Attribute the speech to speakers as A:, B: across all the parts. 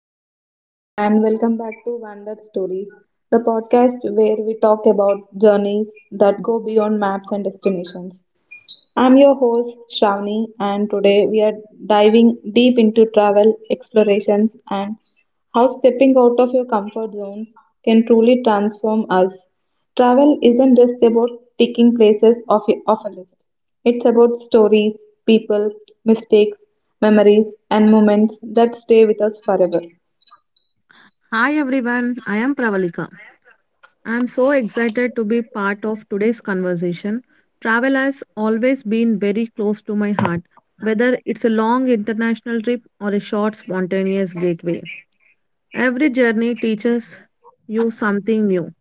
A: Hello, everyone, and welcome back to Wandered Stories, the podcast where we talk about journeys that go beyond maps and destinations. I'm your host, Shravani, and today we are diving deep into travel explorations and how stepping out of your comfort zones can truly transform us. Travel isn't just about ticking places off a list, it's about stories, people, mistakes, memories, and moments that stay with us forever.
B: Hi everyone, I am Pravalika. I am so excited to be part of today's conversation. Travel has always been very close to my heart, whether it's a long international trip or a short spontaneous gateway. Every journey teaches you something new.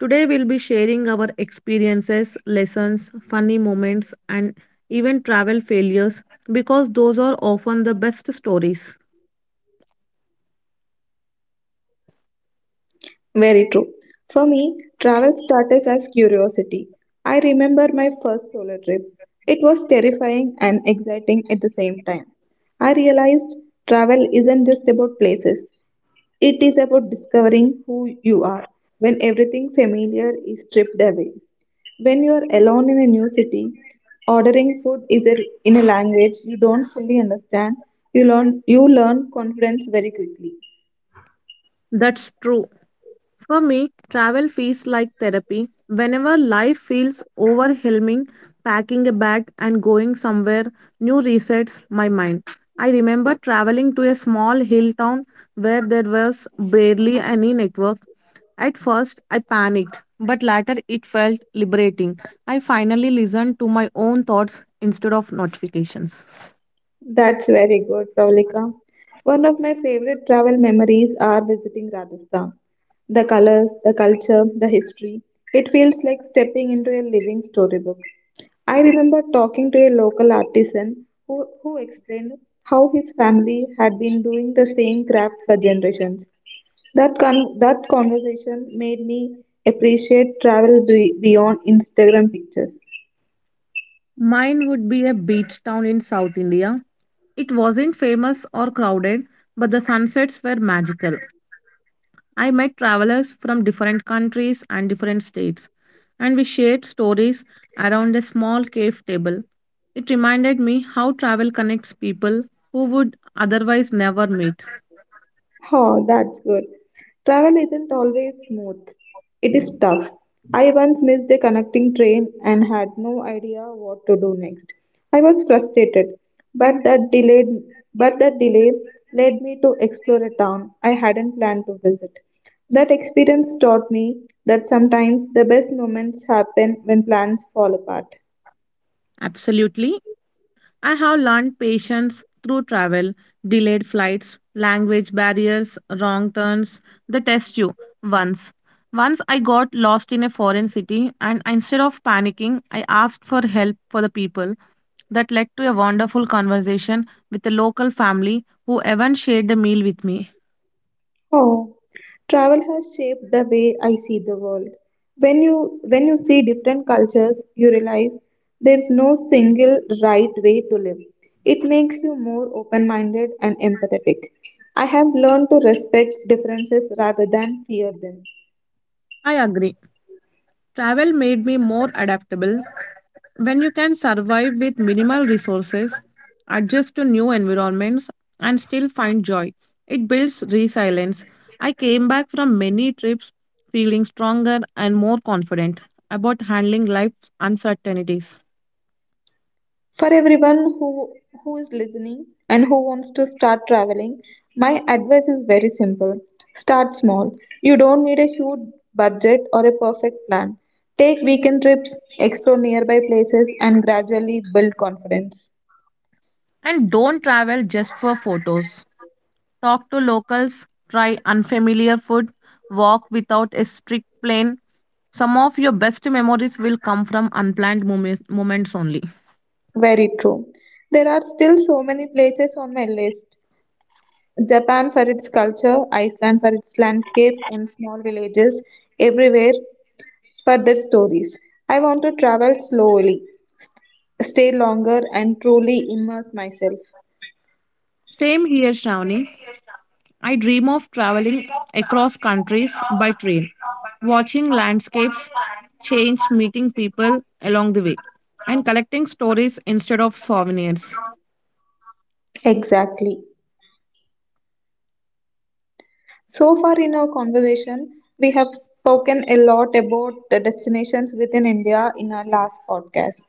B: Today we'll be sharing our experiences, lessons, funny moments and even travel failures because those are often the best stories.
A: Very true. For me, travel started as curiosity. I remember my first solo trip. It was terrifying and exciting at the same time. I realized travel isn't just about places, it is about discovering who you are when everything familiar is stripped away. When you are alone in a new city, ordering food is a, in a language you don't fully understand, you learn confidence very quickly.
B: That's true. For me, travel feels like therapy. Whenever life feels overwhelming, packing a bag and going somewhere new resets my mind. I remember traveling to a small hill town where there was barely any network. At first, I panicked, but later it felt liberating. I finally listened to my own thoughts instead of notifications.
A: That's very good, Pravalika. One of my favorite travel memories are visiting Rajasthan. The colors, the culture, the history. It feels like stepping into a living storybook. I remember talking to a local artisan who explained how his family had been doing the same craft for generations. That conversation made me appreciate beyond Instagram pictures.
B: Mine would be a beach town in South India. It wasn't famous or crowded, but the sunsets were magical. I met travelers from different countries and different states, and we shared stories around a small cave table. It reminded me how travel connects people who would otherwise never meet.
A: Oh, that's good. Travel isn't always smooth. It is tough. I once missed a connecting train and had no idea what to do next. I was frustrated, but that delayed but that delay led me to explore a town I hadn't planned to visit. That experience taught me that sometimes the best moments happen when plans fall apart.
B: Absolutely, I have learned patience through travel, delayed flights, language barriers, wrong turns. They test you once. Once I got lost in a foreign city and instead of panicking, I asked for help for the people. That led to a wonderful conversation with a local family who even shared the meal with me.
A: Oh, travel has shaped the way I see the world. when you when you see different cultures, you realize there is no single right way to live. It makes you more open minded and empathetic. I have learned to respect differences rather than fear them.
B: I agree. Travel made me more adaptable. When you can survive with minimal resources, adjust to new environments, and still find joy, it builds resilience. I came back from many trips feeling stronger and more confident about handling life's uncertainties.
A: For everyone who is listening and who wants to start traveling, my advice is very simple. Start small. You don't need a huge budget or a perfect plan. Take weekend trips, explore nearby places, and gradually build confidence.
B: And don't travel just for photos. Talk to locals, try unfamiliar food, walk without a strict plan. Some of your best memories will come from unplanned moments only.
A: Very true. There are still so many places on my list. Japan for its culture, Iceland for its landscapes and small villages. Everywhere further stories. I want to travel slowly, stay longer, and truly immerse myself.
B: Same here, Shravani. I dream of traveling across countries by train, watching landscapes change, meeting people along the way, and collecting stories instead of souvenirs.
A: Exactly. So far in our conversation, we have spoken a lot about the destinations within India in our last podcast.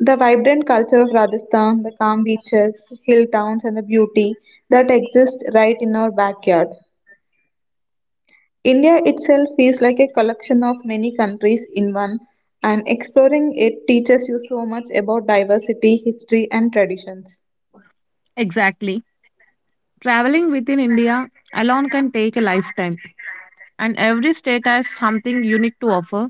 A: The vibrant culture of Rajasthan, the calm beaches, hill towns, and the beauty that exists right in our backyard. India itself feels like a collection of many countries in one, and exploring it teaches you so much about diversity, history, and traditions.
B: Exactly. Traveling within India alone can take a lifetime, and every state has something unique to offer.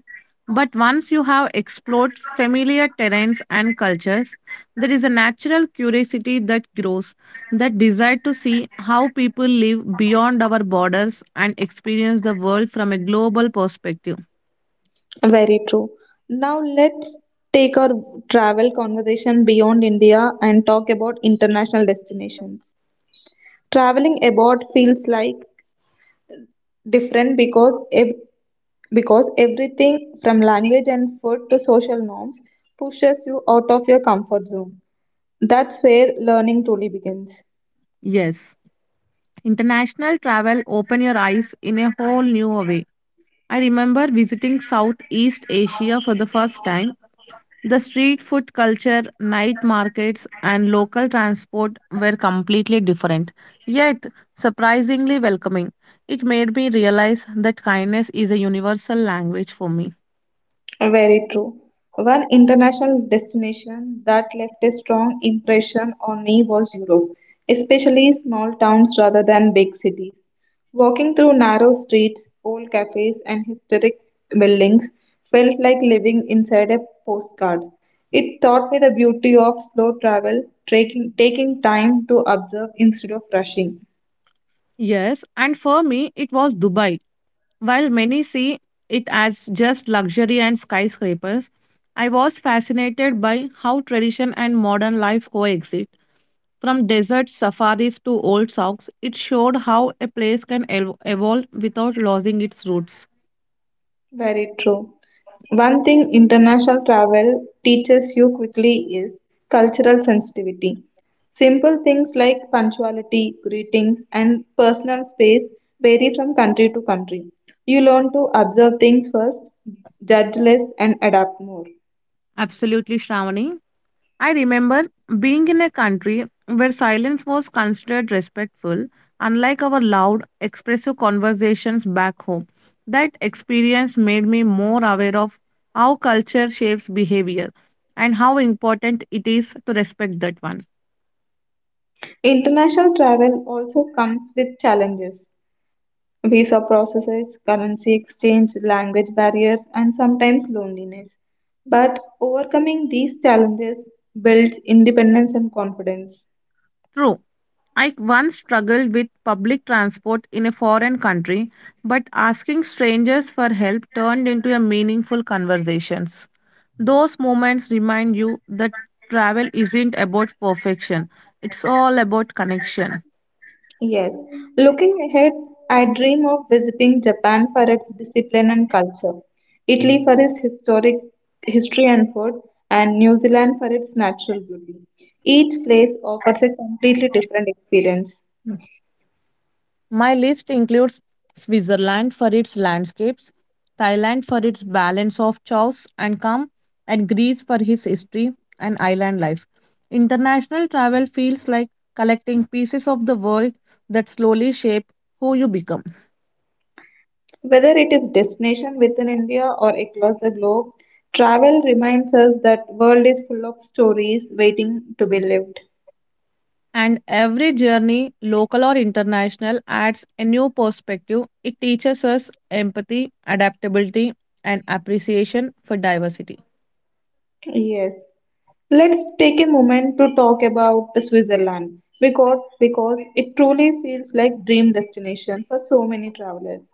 B: But once you have explored familiar terrains and cultures, there is a natural curiosity that grows, that desire to see how people live beyond our borders and experience the world from a global perspective.
A: Very true. Now let's take our travel conversation beyond India and talk about international destinations. Traveling abroad feels like different because everything from language and food to social norms pushes you out of your comfort zone. That's where learning truly begins.
B: Yes, international travel open your eyes in a whole new way. I remember visiting Southeast Asia for the first time. The street food culture, night markets, and local transport were completely different, yet surprisingly welcoming. It made me realize that kindness is a universal language for me.
A: Very true. One international destination that left a strong impression on me was Europe, especially small towns rather than big cities. Walking through narrow streets, old cafes, and historic buildings felt like living inside a postcard. It taught me the beauty of slow travel, taking time to observe instead of rushing.
B: Yes, and for me, it was Dubai. While many see it as just luxury and skyscrapers, I was fascinated by how tradition and modern life coexist. From desert safaris to old socks, it showed how a place can evolve without losing its roots.
A: Very true. One thing international travel teaches you quickly is cultural sensitivity. Simple things like punctuality, greetings, and personal space vary from country to country. You learn to observe things first, judge less, and adapt more.
B: Absolutely, Shravani. I remember being in a country where silence was considered respectful, unlike our loud, expressive conversations back home. That experience made me more aware of how culture shapes behavior and how important it is to respect that one.
A: International travel also comes with challenges. Visa processes, currency exchange, language barriers, and sometimes loneliness. But overcoming these challenges builds independence and confidence.
B: True, I once struggled with public transport in a foreign country, but asking strangers for help turned into a meaningful conversations. Those moments remind you that travel isn't about perfection, it's all about connection.
A: Yes, looking ahead, I dream of visiting Japan for its discipline and culture, Italy for its historic history and food, and New Zealand for its natural beauty. Each place offers a completely different experience.
B: My list includes Switzerland for its landscapes, Thailand for its balance of chaos and calm, and Greece for his history and island life. International travel feels like collecting pieces of the world that slowly shape who you become.
A: Whether it is destination within India or across the globe, travel reminds us that world is full of stories waiting to be lived.
B: And every journey, local or international, adds a new perspective. It teaches us empathy, adaptability, and appreciation for diversity.
A: Yes. Let's take a moment to talk about Switzerland because it truly feels like dream destination for so many travelers.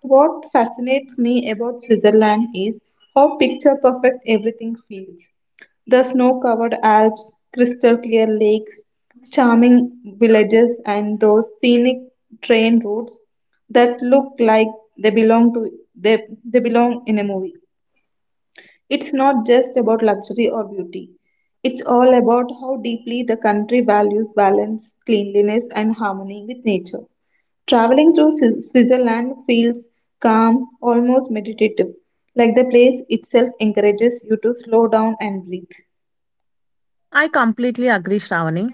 A: What fascinates me about Switzerland is how picture perfect everything feels. The snow-covered Alps, crystal clear lakes, charming villages and those scenic train routes that look like they belong to they, they belong in a movie. It's not just about luxury or beauty. It's all about how deeply the country values balance, cleanliness, and harmony with nature. Traveling through Switzerland feels calm, almost meditative, like the place itself encourages you to slow down and breathe.
B: I completely agree, Shravani.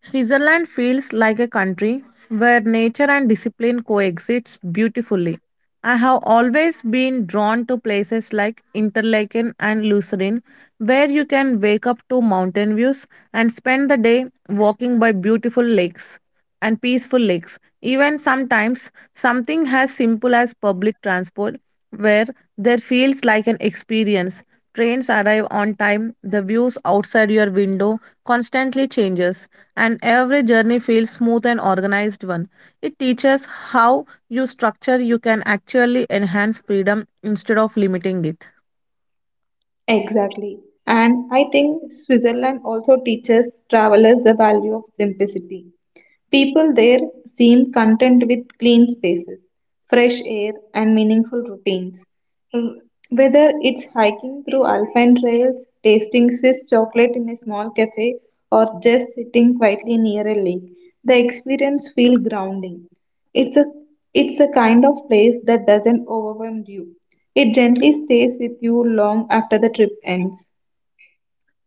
B: Switzerland feels like a country where nature and discipline coexist beautifully. I have always been drawn to places like Interlaken and Lucerne, where you can wake up to mountain views and spend the day walking by beautiful lakes and peaceful lakes. Even sometimes, something as simple as public transport, where there feels like an experience. Trains arrive on time, the views outside your window constantly changes and every journey feels smooth and organized one. It teaches how you structure you can actually enhance freedom instead of limiting it.
A: Exactly. And I think Switzerland also teaches travelers the value of simplicity. People there seem content with clean spaces, fresh air, and meaningful routines. Mm, Whether it's hiking through alpine trails, tasting Swiss chocolate in a small cafe, or just sitting quietly near a lake, the experience feels grounding. It's a it's the kind of place that doesn't overwhelm you. It gently stays with you long after the trip ends.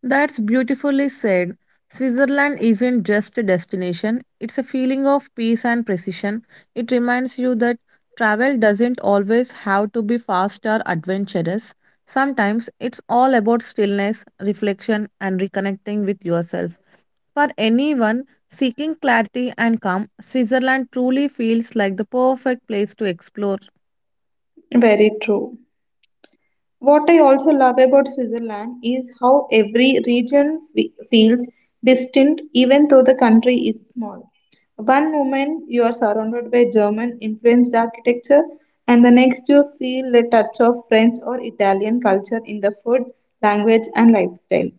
B: That's beautifully said. Switzerland isn't just a destination, it's a feeling of peace and precision. It reminds you that travel doesn't always have to be fast or adventurous. Sometimes it's all about stillness, reflection, and reconnecting with yourself. For anyone seeking clarity and calm, Switzerland truly feels like the perfect place to explore.
A: Very true. What I also love about Switzerland is how every region feels distinct even though the country is small. One moment you are surrounded by German influenced architecture, and the next you feel a touch of French or Italian culture in the food, language, and lifestyle.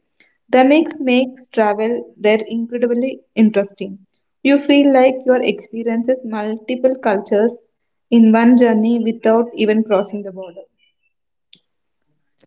A: The mix makes travel there incredibly interesting. You feel like your experiences multiple cultures in one journey without even crossing the border.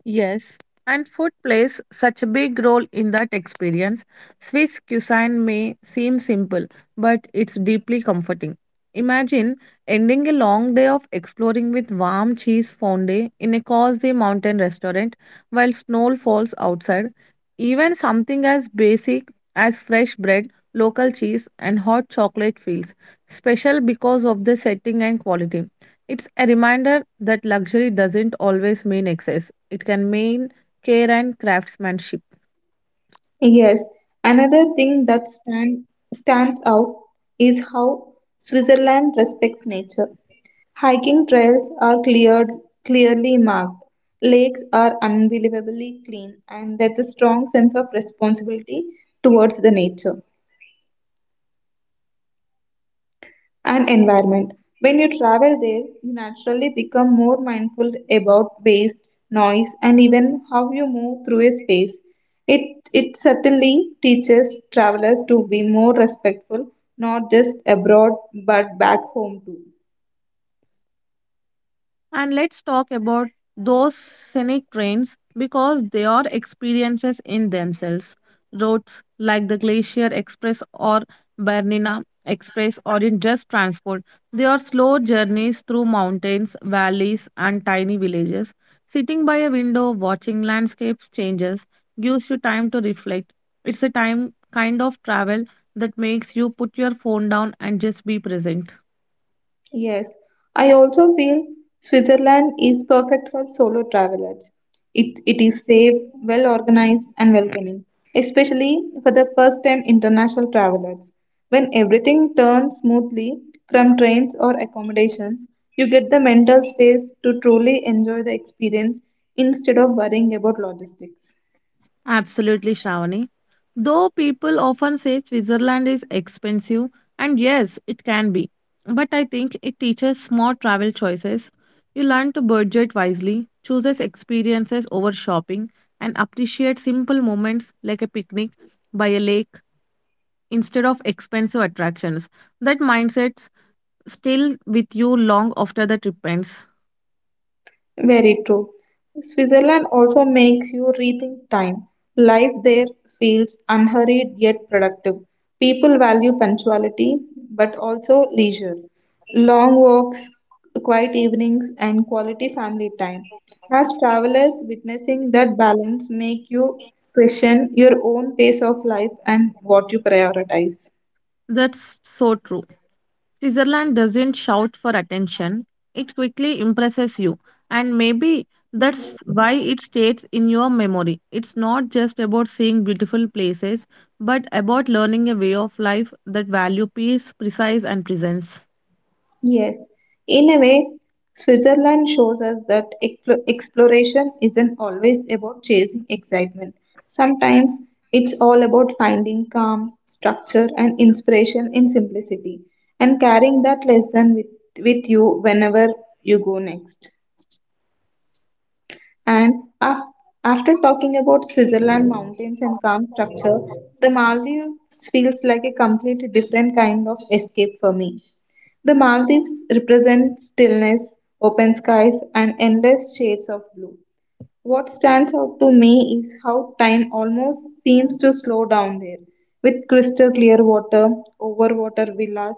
B: Yes, and food plays such a big role in that experience. Swiss cuisine may seem simple, but it's deeply comforting. Imagine ending a long day of exploring with warm cheese fondue in a cozy mountain restaurant while snow falls outside. Even something as basic as fresh bread, local cheese, and hot chocolate feels special because of the setting and quality. It's a reminder that luxury doesn't always mean excess, it can mean care and craftsmanship.
A: Yes, another thing stands out is how Switzerland respects nature. Hiking trails are cleared, clearly marked. Lakes are unbelievably clean, and there's a strong sense of responsibility towards the nature. And environment. When you travel there, you naturally become more mindful about waste, noise, and even how you move through a space. It certainly teaches travelers to be more respectful, not just abroad but back home too.
B: And let's talk about those scenic trains because they are experiences in themselves. Roads like the Glacier Express or Bernina Express aren't just transport, they are slow journeys through mountains, valleys, and tiny villages. Sitting by a window, watching landscapes changes, gives you time to reflect. It's a time kind of travel that makes you put your phone down and just be present.
A: Yes, I also feel Switzerland is perfect for solo travelers. It is safe, well organized, and welcoming, especially for the first time international travelers. When everything turns smoothly from trains or accommodations, you get the mental space to truly enjoy the experience instead of worrying about logistics.
B: Absolutely, Shravani. Though people often say Switzerland is expensive, and yes, it can be, but I think it teaches smart travel choices. You learn to budget wisely, chooses experiences over shopping, and appreciate simple moments like a picnic by a lake instead of expensive attractions. That mindset still with you long after the trip ends.
A: Very true. Switzerland also makes you rethink time. Life there feels unhurried yet productive. People value punctuality but also leisure. Long walks, quiet evenings, and quality family time. As travelers, witnessing that balance make you question your own pace of life and what you prioritize.
B: That's so true. Switzerland doesn't shout for attention, it quickly impresses you, and maybe that's why it stays in your memory. It's not just about seeing beautiful places, but about learning a way of life that value peace, precise, and presence.
A: Yes, in a way, Switzerland shows us that exploration isn't always about chasing excitement. Sometimes it's all about finding calm, structure, and inspiration in simplicity, and carrying that with you whenever you go next. And af- after talking about Switzerland mountains and calm structure, the Maldives feels like a completely different kind of escape for me. The Maldives represent stillness, open skies, and endless shades of blue. What stands out to me is how time almost seems to slow down there, with crystal clear water, overwater villas,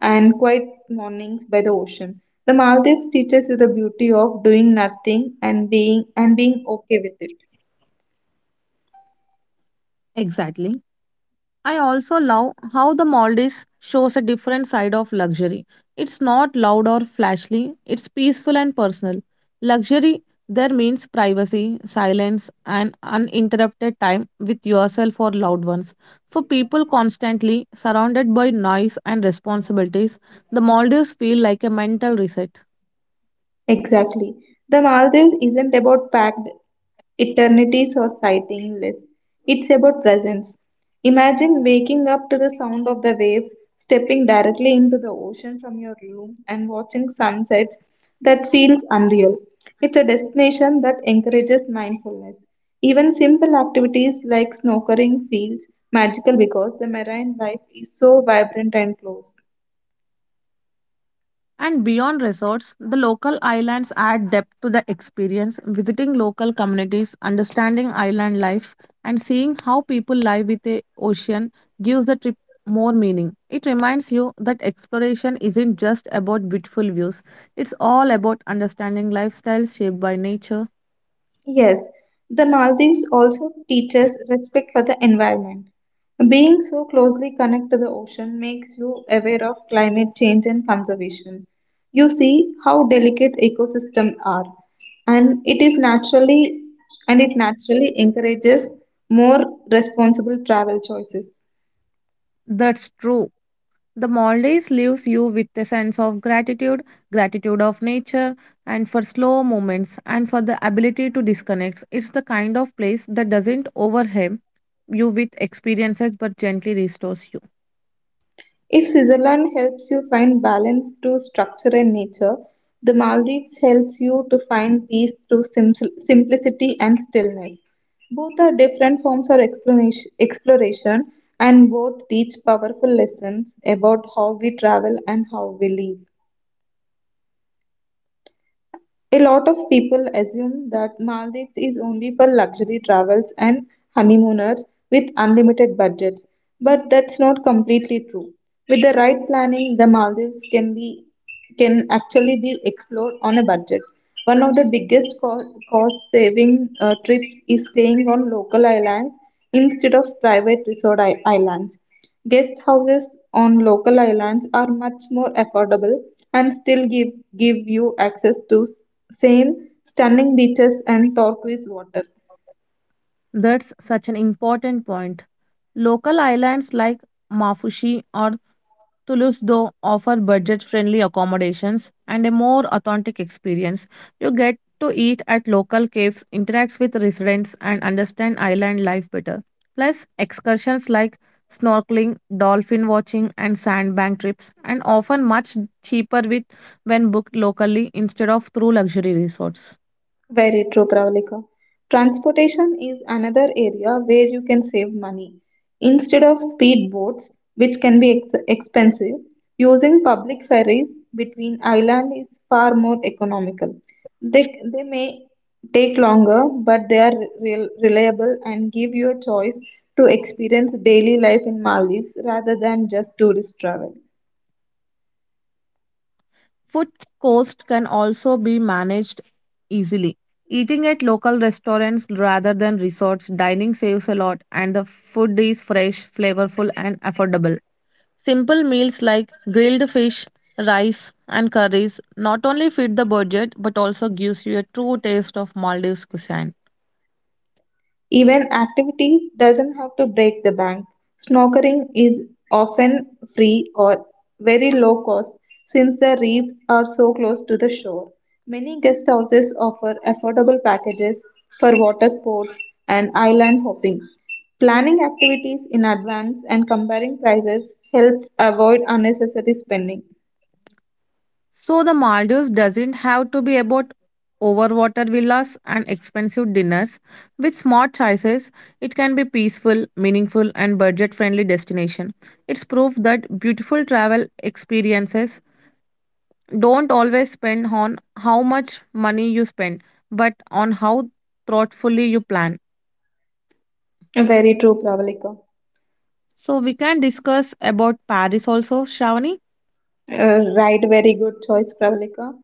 A: and quiet mornings by the ocean. The Maldives teaches you the beauty of doing nothing and being okay with it.
B: Exactly. I also love how the Maldives shows a different side of luxury. It's not loud or flashy, it's peaceful and personal. Luxury there means privacy, silence, and uninterrupted time with yourself or loved ones. For people constantly surrounded by noise and responsibilities, the Maldives feel like a mental reset.
A: Exactly. The Maldives isn't about packed eternities or sighting lists. It's about presence. Imagine waking up to the sound of the waves, stepping directly into the ocean from your room, and watching sunsets that feels unreal. It's a destination that encourages mindfulness. Even simple activities like snorkeling feels magical because the marine life is so vibrant and close.
B: And beyond resorts, the local islands add depth to the experience. Visiting local communities, understanding island life, and seeing how people live with the ocean gives the trip more meaning. It reminds you that exploration isn't just about beautiful views, it's all about understanding lifestyles shaped by nature.
A: Yes, the Maldives also teaches respect for the environment. Being so closely connected to the ocean makes you aware of climate change and conservation. You see how delicate ecosystems are, and it naturally encourages more responsible travel choices.
B: That's true. The Maldives leaves you with a sense of gratitude, gratitude of nature, and for slow moments, and for the ability to disconnect. It's the kind of place that doesn't overwhelm you with experiences but gently restores you.
A: If Switzerland helps you find balance through structure and nature, the Maldives helps you to find peace through simplicity and stillness. Both are different forms of exploration, and both teach powerful lessons about how we travel and how we live. A lot of people assume that Maldives is only for luxury travels and honeymooners with unlimited budgets, but that's not completely true. With the right planning, the Maldives can be can actually be explored on a budget. One of the biggest cost saving trips is staying on local islands instead of private resort islands. Guest houses on local islands are much more affordable and give you access to same stunning beaches and turquoise water.
B: That's such an important point. Local islands like Mafushi or Toulouse, though, offer budget-friendly accommodations and a more authentic experience. You get to eat at local caves, interact with residents, and understand island life better. Plus, excursions like snorkeling, dolphin watching, and sandbank trips, and often much cheaper with when booked locally instead of through luxury resorts.
A: Very true, Pravalika. Transportation is another area where you can save money. Instead of speedboats, which can be expensive, using public ferries between islands is far more economical. They may take longer, but they are reliable and give you a choice to experience daily life in Maldives rather than just tourist travel.
B: Food cost can also be managed easily. Eating at local restaurants rather than resorts, dining saves a lot, and the food is fresh, flavorful, and affordable. Simple meals like grilled fish, rice, and curries not only fit the budget but also gives you a true taste of Maldives cuisine.
A: Even activity doesn't have to break the bank. Snorkeling is often free or very low cost since the reefs are so close to the shore. Many guest houses offer affordable packages for water sports and island hopping. Planning activities in advance and comparing prices helps avoid unnecessary spending.
B: So the Maldives doesn't have to be about overwater villas and expensive dinners. With smart choices, it can be peaceful, meaningful and budget-friendly destination. It's proof that beautiful travel experiences don't always spend on how much money you spend, but on how thoughtfully you plan.
A: Very true, Pravalika.
B: So we can discuss about Paris also, Shravani.
A: Right, very good choice, Pravalika.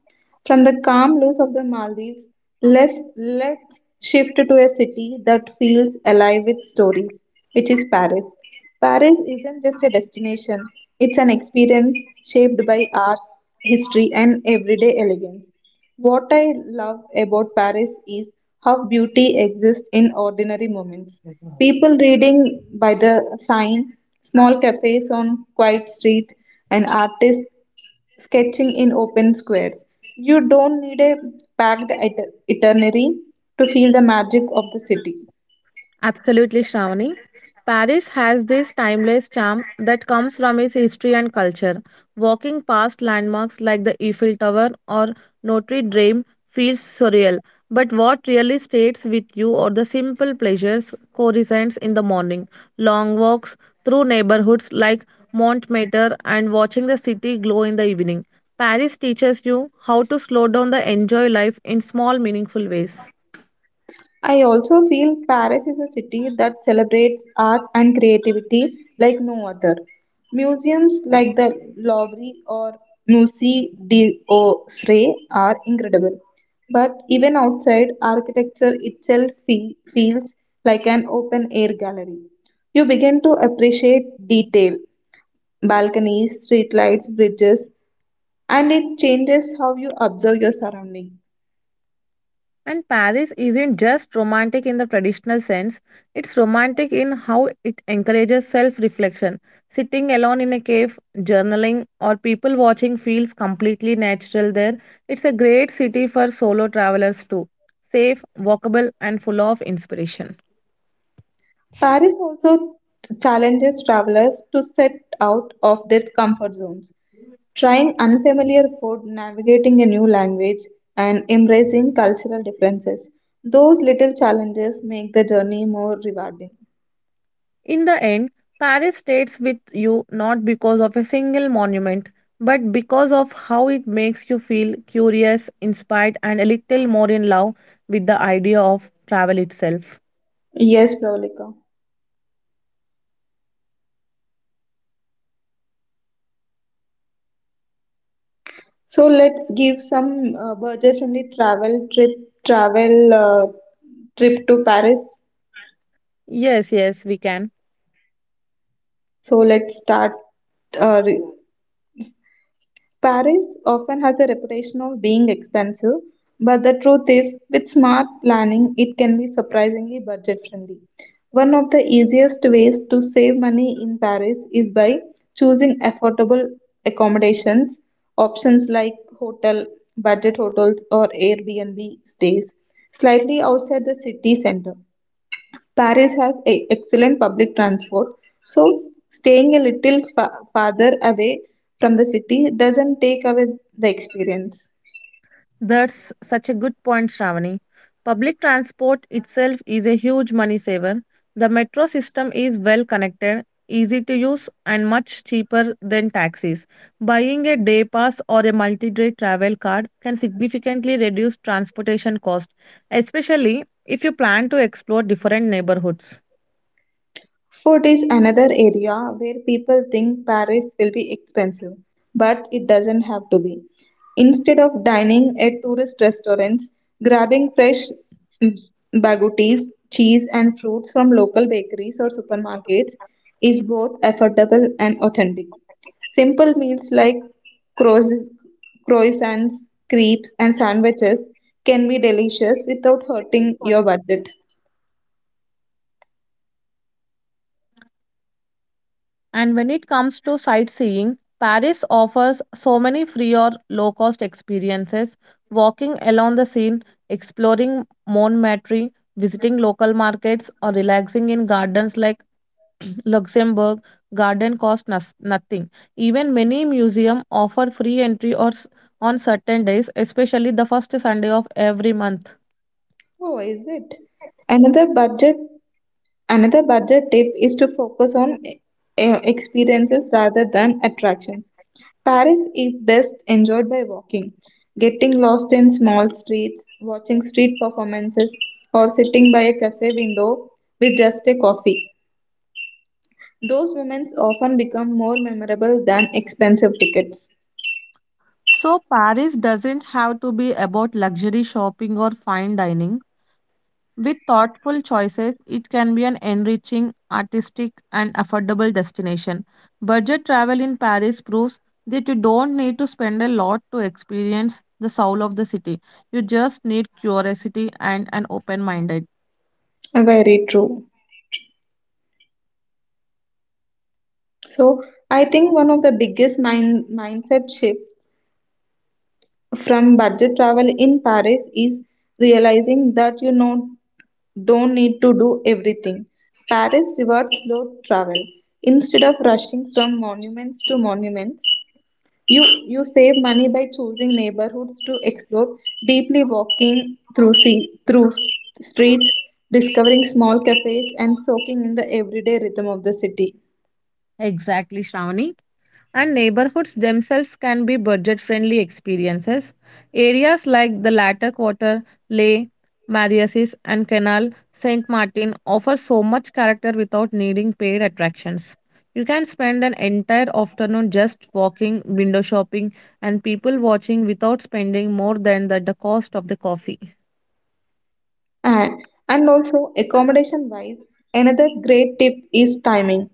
A: From the calm blues of the Maldives, let's shift to a city that feels alive with stories, which is Paris. Paris isn't just a destination, it's an experience shaped by art, history, and everyday elegance. What I love about Paris is how beauty exists in ordinary moments. People reading by the sign, small cafes on quiet streets, and artists sketching in open squares. You don't need a packed it- itinerary to feel the magic of the city.
B: Absolutely, Shravani. Paris has this timeless charm that comes from its history and culture. Walking past landmarks like the Eiffel Tower or Notre Dame feels surreal, but what really stays with you are the simple pleasures courtesans in the morning, long walks through neighborhoods like Montmartre, and watching the city glow in the evening. Paris teaches you how to slow down the enjoy life in small, meaningful ways.
A: I also feel Paris is a city that celebrates art and creativity like no other. Museums like the Louvre or Musée d'Orsay are incredible. But even outside, architecture itself feels like an open air gallery. You begin to appreciate detail, balconies, streetlights, bridges, and it changes how you observe your surroundings.
B: And Paris isn't just romantic in the traditional sense, it's romantic in how it encourages self reflection. Sitting alone in a cave, journaling, or people watching feels completely natural there. It's a great city for solo travelers too, safe, walkable, and full of inspiration.
A: Paris also challenges travelers to set out of their comfort zones, trying unfamiliar food, navigating a new language, and embracing cultural differences. Those little challenges make the journey more rewarding.
B: In the end, Paris stays with you not because of a single monument, but because of how it makes you feel curious, inspired, and a little more in love with the idea of travel itself.
A: Yes, Pravalika. So let's give some budget-friendly travel trip to Paris.
B: Yes, yes, we can.
A: So let's start. Uh, re- Paris often has a reputation of being expensive, but the truth is, with smart planning, it can be surprisingly budget friendly. One of the easiest ways to save money in Paris is by choosing affordable accommodations, options like hotel, budget hotels, or Airbnb stays slightly outside the city center. Paris has excellent public transport, so staying a little farther away from the city doesn't take away the experience.
B: That's such a good point, Shravani. Public transport itself is a huge money saver. The metro system is well connected, easy to use, and much cheaper than taxis. Buying a day pass or a multi day travel card can significantly reduce transportation cost, especially if you plan to explore different neighborhoods.
A: Food is another area where people think Paris will be expensive, but it doesn't have to be. Instead of dining at tourist restaurants, grabbing fresh mm, baguettes, cheese, and fruits from local bakeries or supermarkets is both affordable and authentic. Simple meals like croiss- croissants, crepes, and sandwiches can be delicious without hurting your budget.
B: And when it comes to sightseeing, Paris offers so many free or low cost experiences walking along the Seine, exploring Montmartre, visiting local markets, or relaxing in gardens like Luxembourg. Garden cost nothing. Even many museums offer free entry or on certain days, especially the first Sunday of every month.
A: Oh, is it? Another budget Another budget tip is to focus on experiences rather than attractions. Paris is best enjoyed by walking, getting lost in small streets, watching street performances, or sitting by a cafe window with just a coffee. Those moments often become more memorable than expensive tickets.
B: So, Paris doesn't have to be about luxury shopping or fine dining. With thoughtful choices, it can be an enriching, artistic, and affordable destination. Budget travel in Paris proves that you don't need to spend a lot to experience the soul of the city. You just need curiosity and an open minded.
A: Very true. So, I think one of the biggest mindset shifts from budget travel in Paris is realizing that you know don't need to do everything. Paris rewards slow travel. Instead of rushing from monuments to monuments, you save money by choosing neighborhoods to explore, deeply walking through, streets, discovering small cafes, and soaking in the everyday rhythm of the city.
B: Exactly, Shravani, and neighborhoods themselves can be budget friendly experiences. Areas like the latter quarter, Leh, Mariasis, and Canal Saint Martin offer so much character without needing paid attractions. You can spend an entire afternoon just walking, window shopping, and people watching without spending more than the cost of the coffee.
A: And, and also, accommodation wise, another great tip is timing.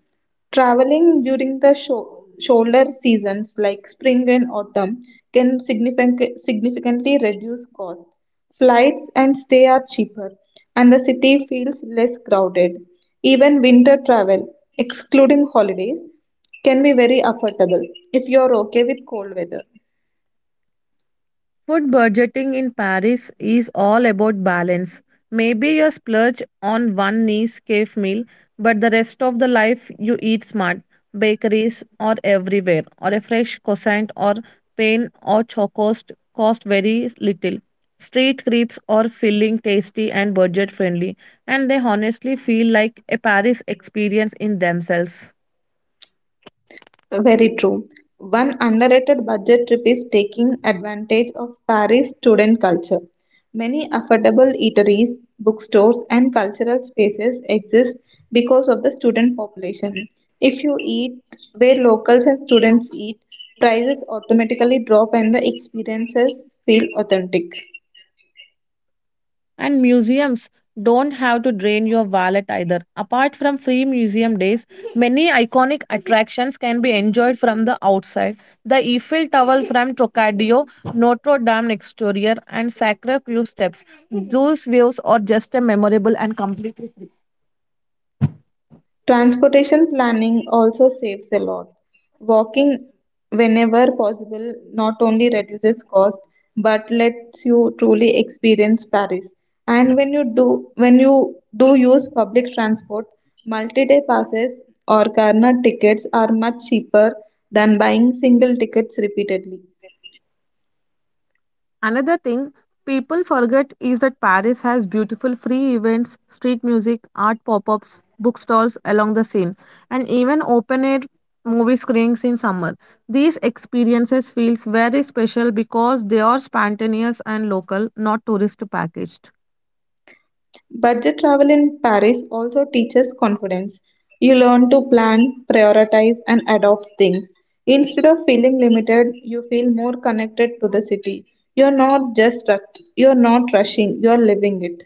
A: Traveling during the shoulder seasons like spring and autumn can significantly reduce cost. Flights and stay are cheaper, and the city feels less crowded. Even winter travel, excluding holidays, can be very affordable if you're okay with cold weather.
B: Food budgeting in Paris is all about balance. Maybe you splurge on one nice cave meal, but the rest of the life you eat smart. Bakeries are everywhere, or a fresh croissant or pain or chocos cost very little. Street crepes are filling, tasty, and budget friendly, and they honestly feel like a Paris experience in themselves.
A: Very true. One underrated budget trip is taking advantage of Paris student culture. Many affordable eateries, bookstores, and cultural spaces exist because of the student population. If you eat where locals and students eat, prices automatically drop and the experiences feel authentic.
B: And museums don't have to drain your wallet either. Apart from free museum days, many iconic attractions can be enjoyed from the outside. The Eiffel Tower from Trocadero, Notre Dame exterior, and Sacre Cœur steps. Those views are just a memorable and completely free.
A: Transportation planning also saves a lot. Walking whenever possible not only reduces cost but lets you truly experience Paris. And when you do use public transport, multi-day passes or corner tickets are much cheaper than buying single tickets repeatedly.
B: Another thing people forget is that Paris has beautiful free events, street music, art pop ups, bookstalls along the Seine, and even open air movie screenings in summer. These experiences feels very special because they are spontaneous and local, not tourist packaged.
A: Budget travel in Paris also teaches confidence. You learn to plan, prioritize, and adopt things. Instead of feeling limited, you feel more connected to the city. You're not rushing, you're living it.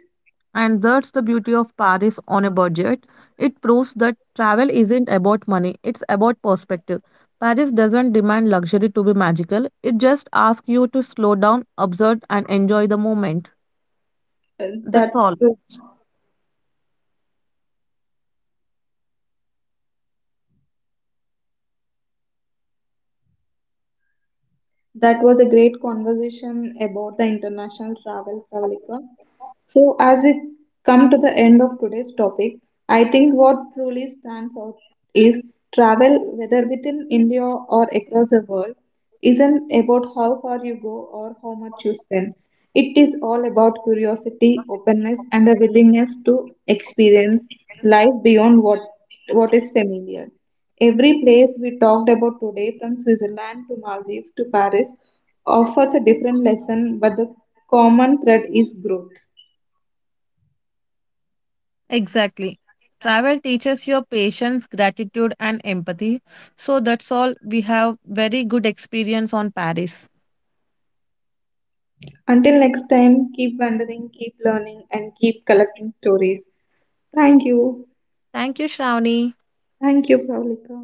B: And that's the beauty of Paris on a budget. It proves that travel isn't about money, it's about perspective. Paris doesn't demand luxury to be magical, it just asks you to slow down, observe, and enjoy the moment.
A: Uh,
B: That's
A: That's
B: all.
A: true. That was a great conversation about the international travel, Pravalika. So, as we come to the end of today's topic, I think what truly stands out is travel, whether within India or across the world, isn't about how far you go or how much you spend. It is all about curiosity, openness, and the willingness to experience life beyond what is familiar. Every place we talked about today, from Switzerland to Maldives to Paris, offers a different lesson, but the common thread is growth.
B: Exactly. Travel teaches your patience, gratitude, and empathy. So that's all. We have very good experience on Paris.
A: Until next time, keep wondering, keep learning, and keep collecting stories. Thank you.
B: Thank you, Shravani.
A: Thank you, Pravalika.